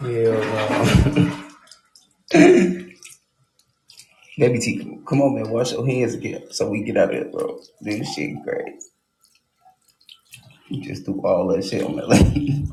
Yeah, man. Baby T, come on, man, wash your hands again so we get out of here, bro. This shit crazy. You just do all that shit on that lady.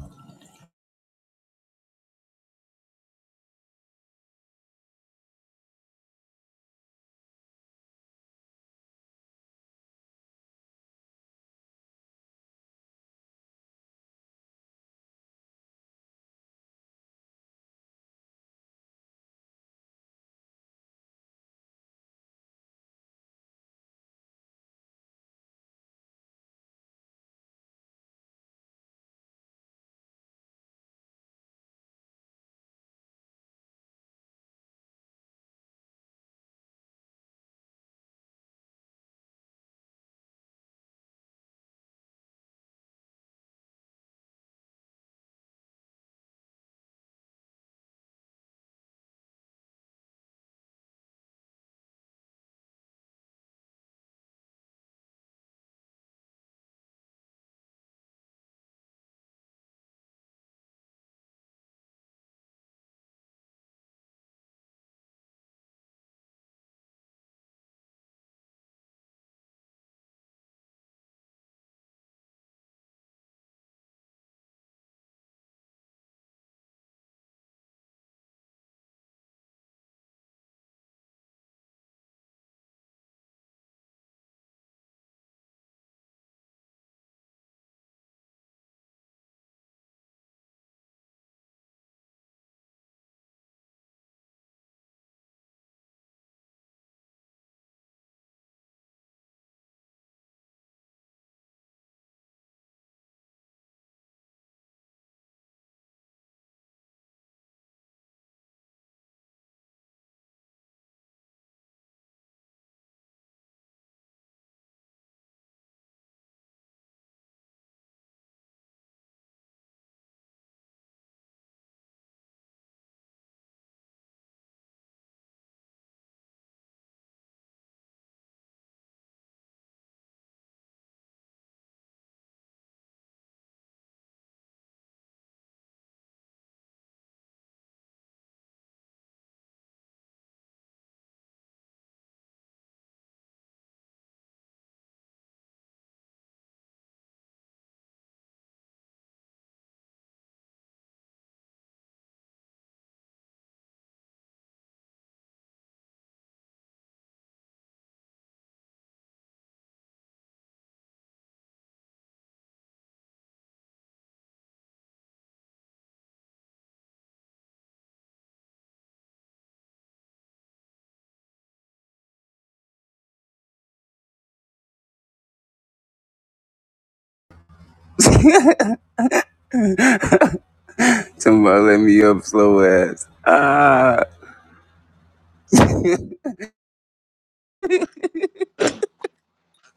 Somebody let me up slow ass. Ah,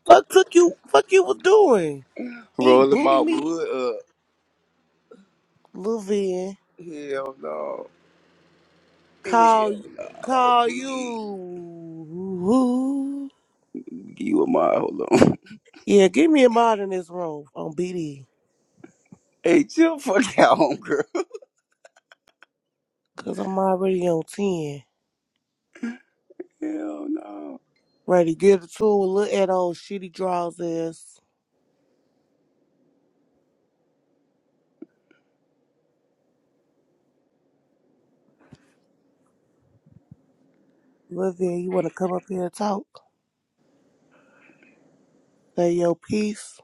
Fuck took you fuck you was doing? Ain't rolling booty my me, wood up. little Van. Hell no. Call Hell no, call BD. you. Give you a mind, hold on. Yeah, give me a mod in this room on BD. Hey, chill fuck out, homegirl. Cause I'm already on ten. Hell no. Ready, give the tool. a look at old shitty draws ass. Lil Van, you wanna come up here and talk? Say your piece.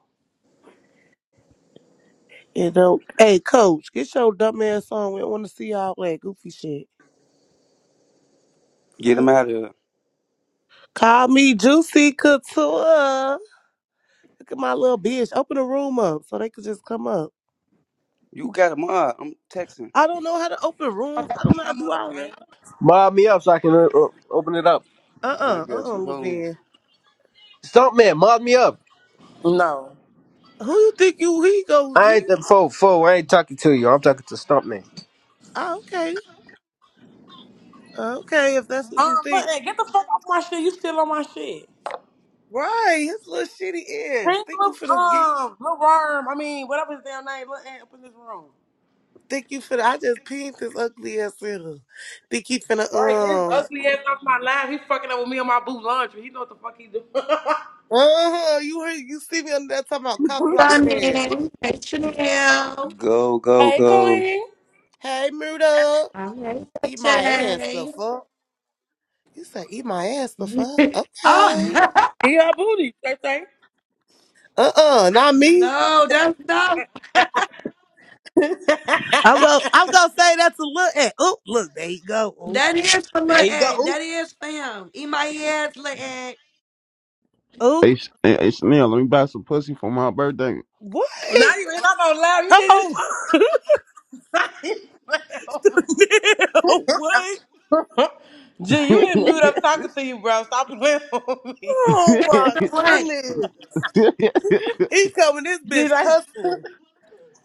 And don't Hey coach, get your dumb ass on. We don't wanna see all that goofy shit. Get him Fuck. out of here. Call me Juicy Couture. Look at my little bitch. Open a room up so they could just come up. You got a mod. I'm texting. I don't know how to open rooms. I don't know how to Come do up, all Lane. that. Mob me up so I can uh, uh, open it up. I Uh uh-uh, got uh, you. Hold on. Levin. Stump man, mob me up. No. Who you think you he goes I ain't to? the foe, foe. I ain't talking to you. I'm talking to Stump man. Ah, okay. Ah, Okay, if that's what Um, you look, think. hey, get the fuck off my shit. You still on my shit. Right, his little shitty ass. Bring Think you little, finna get um, little worm. I mean, whatever his damn name. Look, hey, up in this room. think you finna I just pinged his ugly ass in him. Think he finna Right, get his um ugly ass off my lap. He fucking up with me on my boo laundry. He know what the fuck he doing. Uh-huh. You heard you see me under that talking about cock blocking ass. Stunning. Hey, Chanel. Go, go, hey, go. Queen. Hey Murdo, I'm Hey, eat my ass the Shay. fuck. You said eat my ass the fuck? Okay. Oh, He your booty, say say. Uh-uh, not me. no, that's not. I'm gonna I'm gonna say that's a look at Oh, look there you go oop That is for Lil There you go. Egg. That Ooh. is for him. Eat my ass, Lil Egg. oop Hey, Sh- hey, hey Chanel, let me buy some pussy for my birthday. What? Not even hit on no loud. You did oh this what shit. Gee, you hit mute up talking to you, bro. Stop playing with me. Oh That's my the way. goodness. He coming this Gee, bitch like, cussing.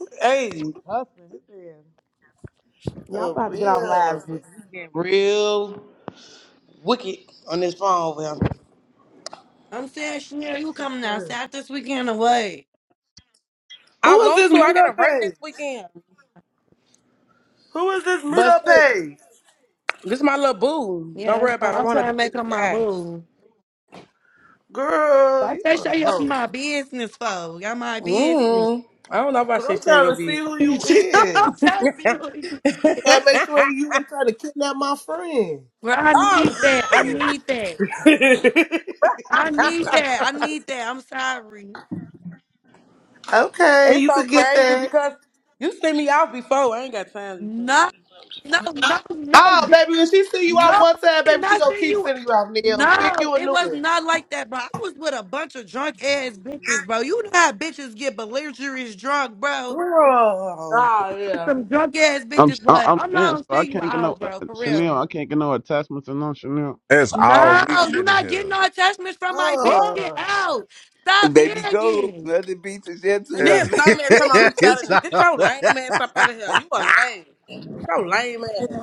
hey, Oh real. Live, bitch. This is getting real. wicked on this phone over here. I'm saying, Chanel, you coming outside this weekend away. I Who is want this to. I gotta Mudo work this Page? weekend. Who is this But Mudo shit, Page? this is my little boo. Yeah, Don't that's worry fine. about it. I I'm wanna trying be to in make up my disguise. boo. Girl, you I say, show a you up in hoe. my business, folks. Y'all my business. Mm. I don't know Cause about I'm shit in trying your to see business. who you I'm trying is. to see um, who I make sure you ain't trying to kidnap my friend Well, I need this that. I need that. weekend. I need that. I need that. I'm sorry. Okay, it's you so could get crazy that. because you sent me out before. I ain't got time to be playing with No, you. no, no, no, Oh, di- baby, when she see you no, out I one time, did baby, she not gonna see keep you. sending you out, Neil. Pick No, you a it new was one. not like that, bro. I was with a bunch of drunk ass bitches, bro. You know how bitches get belligerent drunk, bro. Girl. Oh yeah. Some drunk ass I'm bitches, I- but I'm I'm not saying so gonna I see you can't get no out, uh, bro, uh, for Chanel. real. I can't get no attachments and no Chanel. It's all No, weak you shit in not getting here. no attachments from my bitch. What? Get Oh. out. Stop Baby go. begging. Nothing beats a And shampoo out then It's of some man talking about who me. sat in it's there. Get all, your lame ass up out of here. You a lame. Get Your lame ass.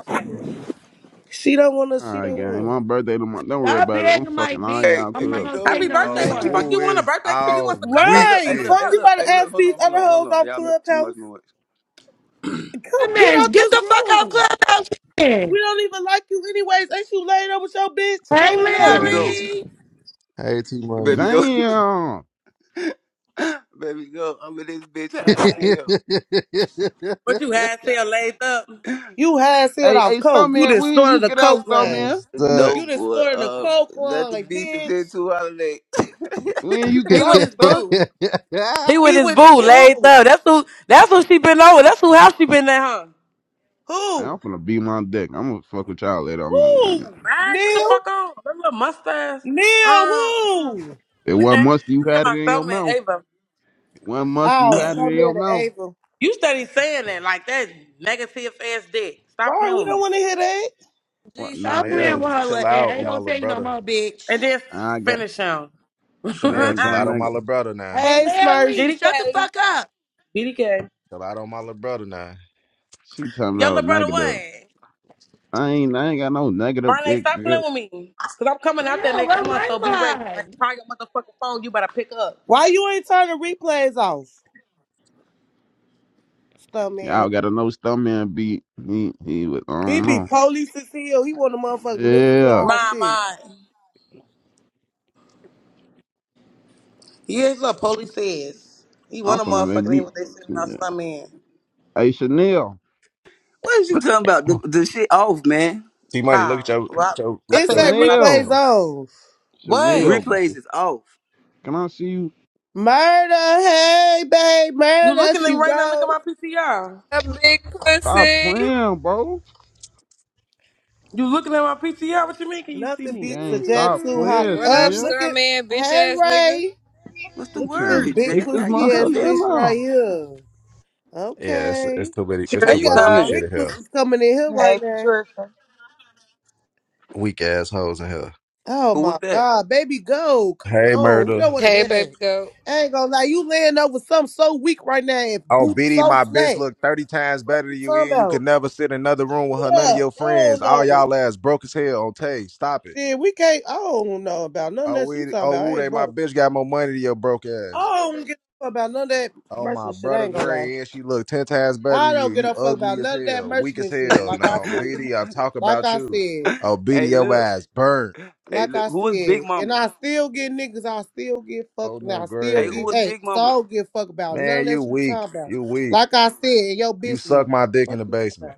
She don't wanna, All she right, don't gang. want. My birthday tomorrow. Don't worry Stop about it. I'm begging my fucking all Hey, bitch. y'all I'm not baby cool. gonna say go. Happy no birthday. oh, What the more. fuck woo you want? A is birthday cake? You want all some Hey weak look, cupcakes? hey What Right. the look, shit. Fuck hey you fuck? look, about to hey look, ask hold these on, hold other on, hold hoes on. off Y'all make too Clubhouse. much noise. Come Hey, get man, out get this the fuck out of room. clubhouse. Hey, We don't even like you anyways. Ain't you laid up with your bitch? Go Hey, in T Baby there. Money. go. Larry. Hey, T Money. Baby Fuck. go. Damn. baby go. I'm in this bitch high as hell. But you had said laid up. You had sealed Hey, off hey, stunt coke. You man. just When you snorted a get out, coke stunt hey, line. man. Stud. No You just boy. snorted a Uh coke line, nothing beats a bitch. shampoo out of me. When you get He with out, his stunt. boo. He with He his with his boo laid boo. up. That's who that's who she been over. That's who house she been at, huh? Hey, Who? I'm gonna beat my dick. I'm gonna fuck with y'all later on, Who? gang. Man, get the Neil? fuck on. That little mustache. Neil, Um who? It wasn't I'm musty, You talking had it about in your something mouth. Ava. It wasn't mustard. You Oh, had it stop in your being the mouth. Ava. You study saying that like that negative ass dick. Stop Right, playing we with don't me. want to hear that. What? Gee, Nah, I stop got. playing Chanel, with her little chill ass. out Ain't on my gonna little tell you no brother. more, And bitch. then nah, I got. finish him. Nah, I Chanel, chill got. out on nothing. my little brother now. Hey, Hey, Smurf, Larry, shut the GDK. fuck up. GDK. Chill out on my little brother now. She talking Your little about brother negative. what? I ain't I ain't got no negative Marley, dick. stop playing girl. with me. Cause I'm coming out there Damn, what next am month, so be ready. But I? I call your motherfucking phone, you better pick up. why you ain't turning replays off? Stop, man. Y'all got a no stuntman beat. He he was I He don't be know. police as hell. He want the motherfucker listen to Yeah. our My shit. my. Here's what police says. He I'm want a gonna make motherfucker to hear me what they sending out yeah. some in. Hey Chanel. What is you talking about? The the shit off, man. T Money, look at Ah, your, look at well, your, I, I look at It take your. say back what I said. replays Chanel. off. What? Chanel Replays gang. is off. Can I see you? Murder, hey, babe, You murder, looking at she me right now, look at wrote. my PTR. What up, big Stop pussy? playing, bro. You looking at my PTR? What you mean can you see Nothing me? beats a Gang, jet stop hot playing, What up, up. Mm. Chanel. Look star at, man, bitch hey, ass nigga? Ray. What's the I'm Look at this trying to word, big stick Jet? this How you pussy ass motherfucker coming? in bitch right now. here. Yeah, it's, Okay. it's too many, it's How They too you much got some weak Patricia. coming? shit big in here. pussies coming in here right Hey, now. Patricia. Weak assholes in here. Oh Who my was that? God, baby, go. Hey, Come on. We murder. don't want to Hey, hear baby that. goat. I ain't gonna lie. You laying up with something so weak right now and Oh, booty BD, so my bitch flat. look 30 times What better you than you, talking and you about? could never sit in another room with her, none Shut of Up. your I friends. don't All know. y'all ass broke as hell on Tay. Stop it. Yeah, we can't. I don't know about none of Oh, that you we, talking oh, about. Woo I Day, ain't my broke. bitch got more money than your broke ass. I don't get a fuck about none of that Oh, my merchant shit. I brother ain't gonna lie. Gray, and she look 10 times better I than you. don't get You a fuck ugly about as none of that hell, weak merchant as and shit. hell. Like I Now, said. BD, I talk Like about I you. said. Oh, hey, BD, your look. ass burnt. Hey, Like look, I who is Big said, and Mama? I still get niggas, I still get Oh, fucked, and no, I still Hey, Gray. get, who is hey, Big so I Mama? don't give a fuck about none of Man, you that you weak. talking about. You weak. Like I said, in your You bitch suck week. my dick in Fuck the you talking basement. about.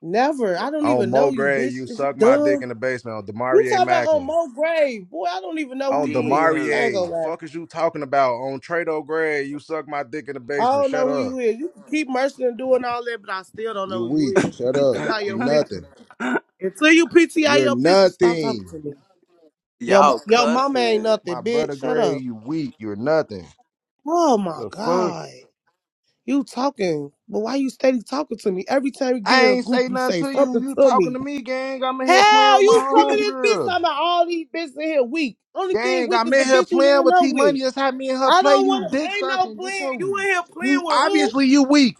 Never. Wha- I don't even On Mo know you, Gray, you bitch. Is you suck my dick dumb? in the basement. On You Demarie talking about on Mackin. Mo Grave. Boy, I don't even know who Oh, you is. Damn. I ain't gonna Demarie, lie. fuck is you talking about on Trado Gray? You suck my dick in the I basement. don't know Shut who up. you is. You can keep merching and doing all that, but I still don't know You who you weak. is. Shut up. PTI You your picture. nothing. Until you PTI You're your picture, stop talking nothing. to me. Yo, Y'all yo, mama ain't cussing. nothing, My bitch. brother Shut Gray, up. you weak. You're nothing. Oh my The fuck? god. You talking, but why you steady talking to me? Every time you get I in a ain't group, say you nothing say to you. something You to talking me. to me, gang. I'm in here playing Hell, with my you coming this bitch homegirl. talking about all these bitches in here weak. Only thing Gang, weak I'm is the in here bitch you playing laying with up T with. Money. That's how me and her I play. don't You want to, dick ain't no sucking. Get playing. your You in here you playing with who? obviously you weak.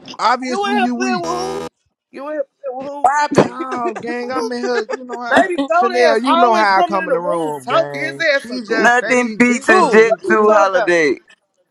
You in Obviously here you weak. playing with who? You in here playing with who? What happened? No, gang, I'm Fuck. in here. You know how Baby goat Chanel, ass you know always how I coming in come in the the room room, talking. His gang. ass a She just goofy. Nothing steady dick beats a Jet Who? sucking, What you 2 talking gang. about? holiday.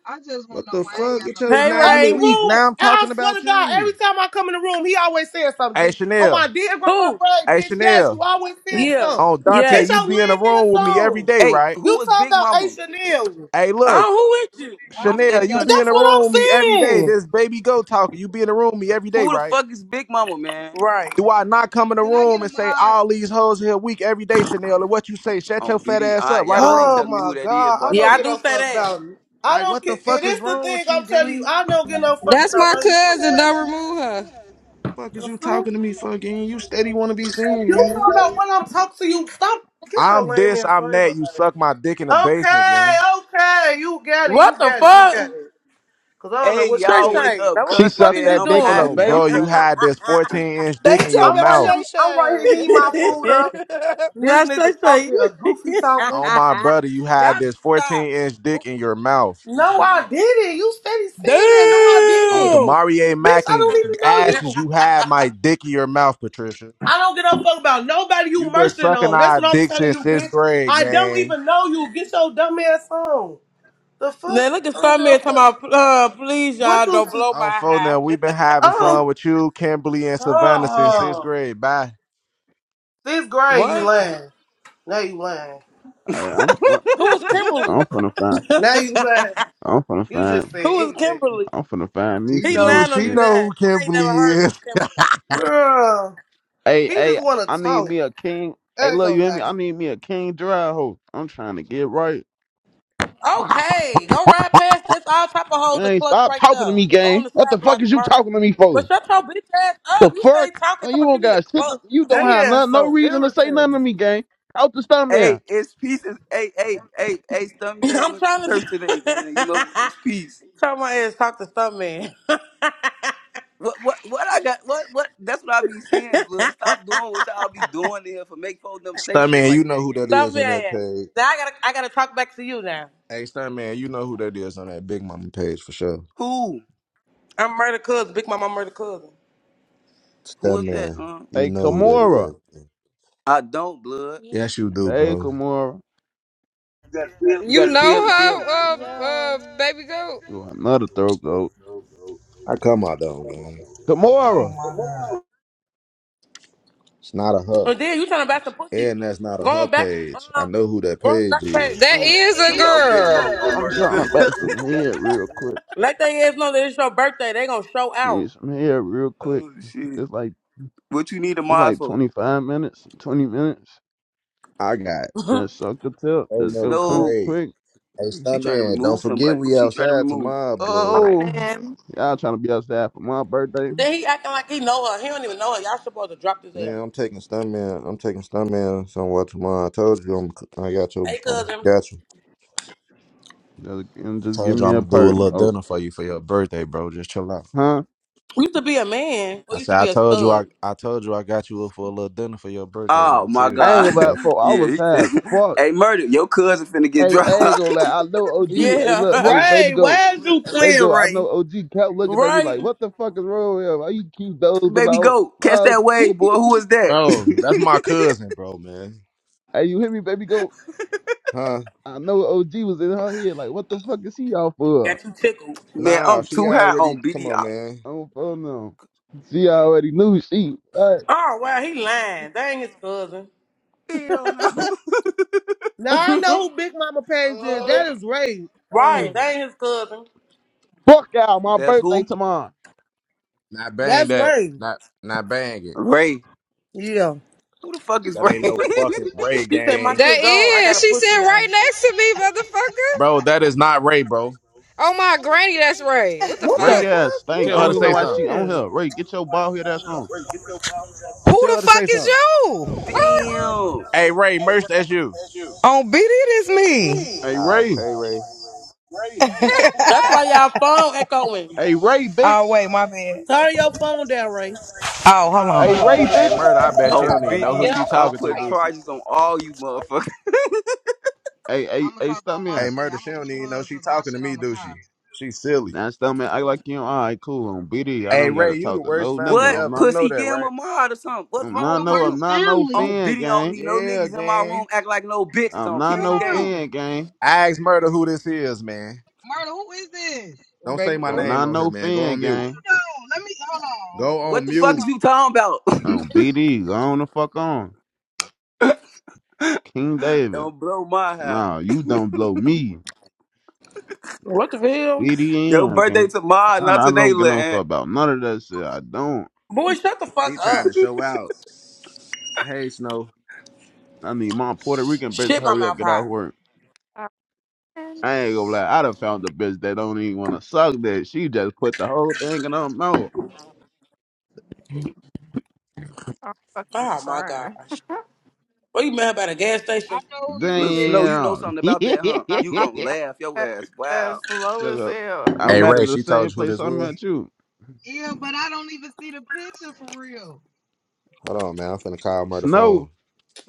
I just want to What know the why I ain't fuck? got Get no your Hey now mod. I you Every Ray. weak. room, Now I'm I talking swear about to God, every you. time I come in the room, he always says Hey something, G. On my Chanel. dear grandma Who? grave, Hey bitch, yes, you Chanel. always said Yeah. something. Oh Dante, Get Yes. you your be in the lame ass room with me every on. day, Hey, right? You who is talking Big about Mama? Aisha Neal. Hey, look, Oh, who with you? I'm Chanel, steady don't you got trying. no be in That's the what mod. room with me every I'm day. saying. This baby go talking. You be in the room with me every day, Who the right? fuck is Big Mama, man? Right. Do I not come in the Can I get room a and say mod? all these hoes here weak every day, Chanel? And what you say? Shut On your fat BD. All ass right, up, right or y'all ain't wrong? Oh telling me my who that is. God, I Watch Yeah, don't I get do no this. say fuck that. about it. I Like, don't what care. the It fuck is is the wrong thing with I'm you, telling you. gang? I don't get no fuck That's about my none you talk cousin. about. Don't remove her. Fuck is The you fuck? talking to me for, gang? You steady want to be seen, You gang. talking about when I'm talking to you. Stop. Get your I'm lame this, ass I'm thing on. that. You suck my dick in the basement, Okay, gang. okay. You got it. You What the got it. You got fuck? it. Cause I don't know Hey, what you Shay y'all saying. wake Shay, up now what She the cussing, fuck sucked is man. you that I'm dick in the doing? hot, Oh, man. bro, I'm you basement. trying to. had this 14 inch They dick in your I'm talking about right here. mouth. Shay I'm right here Shay. heating my food up. This now Shay nigga's Shay, talking a you- goofy talking. Oh, my brother, you had y'all need this to stop. 14 inch dick in your mouth. No, I didn't. You steady saying that. No, I On didn't. Oh, Demarie Bitch, Mack I and don't Damn! even know Ashes, you. you had my dick in your mouth, Patricia. I don't give a fuck about nobody You you been merching sucking on. That's our what I'm dick telling since you, sixth bitch. grade, I don't gang. even know you. Get your dumb ass on. The Now fuck? look I at don't some give a man talking fuck. about, uh, please What y'all you? don't blow my I'm for high. now. we been having fun Oh, with you, Kimberly, and Savannah since sixth oh. grade. Bye. This grade, you what? lying. Now you lying. Hey, I'm I'm Who is Kimberly? I'm finna find Now you lying. I'm finna You just find said Who is anything. Kimberly? I'm finna find me She He some new knows. lying on she shit. you now. know who I ain't never Kimberly heard of is. no Kimberly. Girl. Hey, He hey, just wanna I need talk. me a king. Hey, I ain't look, you gonna hear me? lie. I need me a king dry hoe. I'm trying to get right. Okay, go right past this all type of hoes and Gang, clucks stop right talking to there. me, Go on gang. the What side the fuck block is of you Vernon. talking to me But for? shut your bitch ass The up. You fuck? stay talking, Oh, talk You about you don't need a got shit. To, cluck. you I That don't mean, have yeah none, no so reason to say nothing to irritating. me, gang. Out the stomach. Hey, here. it's peace. It's, hey, hey, hey, hey, stuntman I'm went to trying church today, man. You to know, it's peace. tell my ass talk to some man. What what what I got what what that's what I be seeing, blood. Stop doing what y'all be doing there for make folks them say shit Stuntman, you like know that, who that gang. Some is on that man. page. Now I gotta I gotta talk back to you now. Hey Stuntman, you know who that is on that Big Mama page for sure. Who? I'm murder cousin, big mama murder cousin. Who is that? Stuntman, Um you Hey, know who that Kamora. is. I don't, blood. Yes, you do, Hey, bro. Kamora. You You gotta tell know me, tell me. her, uh, Yo. uh, baby goat. You another throat goat. I come out though, gang. Kamora. It's not a her. And then you trying to back some pussy. And that's not a her Going back page. I um know who that going page back is. page. That I'm, is Tell a me about Big Mama girl. on I'm Murder trying to Cook. bat some head real quick. Let they ass know that it's your birthday, they gonna show I out. need some head real quick. oh shit. It's like What you need a it's mod like for? 25 minutes, 20 minutes. I got Just suck the tip. oh Just no go come Snow. great. quick. Hey She trying to Stuntman, don't remove forget somebody. Who we she trying to outside remove? tomorrow, blood. Oh, Morning. y'all trying to be outside for my birthday? Then he acting like he know her. He don't even know her. Y'all supposed to drop this ass. Yeah, I'm taking Stuntman. I'm taking Stuntman somewhere tomorrow. I told you I'm, I got you. Hey I cousin. got you. Just, and just give Told you me I'm a gonna do a perk, little folks. dinner for you for your birthday, bro. Just chill out. Huh? Used to be a man, or I used said to I be a told you I, stud. I told you I got you up for a little dinner for your birthday. Oh Then my chill. I ain't god. gonna I buy it got you. for. I yeah, was he high as fin- fuck. Hey Murder, your cousin finna get Hey, I dropped. ain't gonna lie. I know OG. Hey, look. Yeah. Hey, baby, Ray, go. why is you Baby, playing go. I know Ray? OG kept looking at me like, right? what the fuck is wrong with him? Why you keep dozing Baby out? go. Catch Wow. that wave, boy. Who is that? bro. That's my cousin, bro, man. hey, you hear me, baby? Go. Huh? I know OG was in her head like, what the fuck is she out for? Got you tickled. Man, Nah, I'm she too high already. on Come on, BDI. man. I don't fuck no. She already knew she. All Oh wow, he lying. That ain't his cousin. Hell no. Now I know who Big Mama Page is. That right. is Ray. Right, Um, that ain't his cousin. Fuck out my That's birthday who? tomorrow. Not bang that's that. Ray. Not not bang it. Ray. Yeah. Who the fuck is That ain't Ray? no fucking Ray She said my gang, That shit gone. I got is. a She pussy sitting now. right next to me, motherfucker. bro. That is not Ray, bro. Oh my granny, that's right. What the What the Ray fuck? ass fuck? We thing. I Tell her don't know to even who know say why something. she that on is. here. Ray, get your bald head ass on. Tell her to say something. Damn. Hey Ray, merch. That's you. On BD, it is me. Hey Oh, Ray. hey Ray. That's why y'all phone echoing. Hey Ray, Oh, bitch. wait, my bad. Turn your phone down, Ray. Oh, hold on. Hey Ray, Hey bitch. Murder. I bet she Oh, don't even know who BD, she I'm talking to, putting do she? charges on all you motherfuckers. Hey, I'm hey, gonna hey, talk stop on me my Hey, out. shit. I'm murder, she gonna don't mute even know hers she cause my talking to shit me, on the do car. she? She silly. Now stop me. I like you. All right, cool. On BD, I Hey, don't gotta Ray, you the talk to worst no nigga. family what? I'm ever. You not. know Pussy, that, give him a right? mod or something. What's I'm I'm not wrong the with no. I'm him? worst not no family. On fan BD, I don't gang. need no Yeah, niggas in my room gang. act like no bitches I'm on not King no No, David. fan gang. I asked murder who this is, man. murder. Who is this? Don't say Baby my girl. I'm name not on here, no man. Go fan on Who mute. gang. knows? Let me hold on. Go What on the fuck Hold is mute. on. you talking about? On BD, go on the fuck on. King David. don't blow my high. Nah, you don't blow me. What the hell? Your CDN, birthday gang. tomorrow, I, not I today, don't get little no fuck aunt. about none of that shit. I don't. Boy, shut the fuck He up. trying to show out. Hey, Snow. I need my Puerto Rican bitch to Shit, my hurry up, mouth get out of hot. work. Morning. I ain't gonna lie. I done found a bitch that don't even wanna suck that. She just put the whole thing in her mouth. I'm fucking Oh my crying. gosh. What you mad about a gas I station? know who you Look, is. Snow, you know Damn. something about that, huh? My You gonna laugh your eyes ass. Wow. as low So, as uh, hell, I'm Hey, at Ray, the she told same you who place this I'm was? at you. Yeah, but I don't even see the picture for real. Hold on, man. I'm finna call murder Snow. phone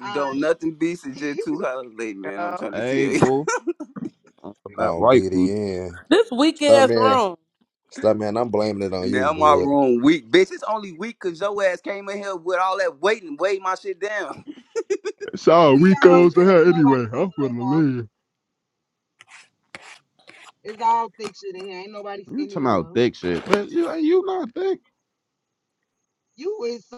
Uh, Don't nothing beat the we J two holiday, man. I'm yo. trying to tell Hey, you. boo. I'm not on right, boo. BDN. This weak ass Stuntman, room. Stuntman, I'm blaming it on you, Now my blood. room weak, bitch. It's only weak cause your ass came in here with all that weight and weighed my shit down. Sorry, all Rico's the said hell ain't anyway. nobody I'm skinny gonna no more. leave. It's all thick shit in here. Ain't nobody You skinny talking no about more. dick shit, but you you not thick. You is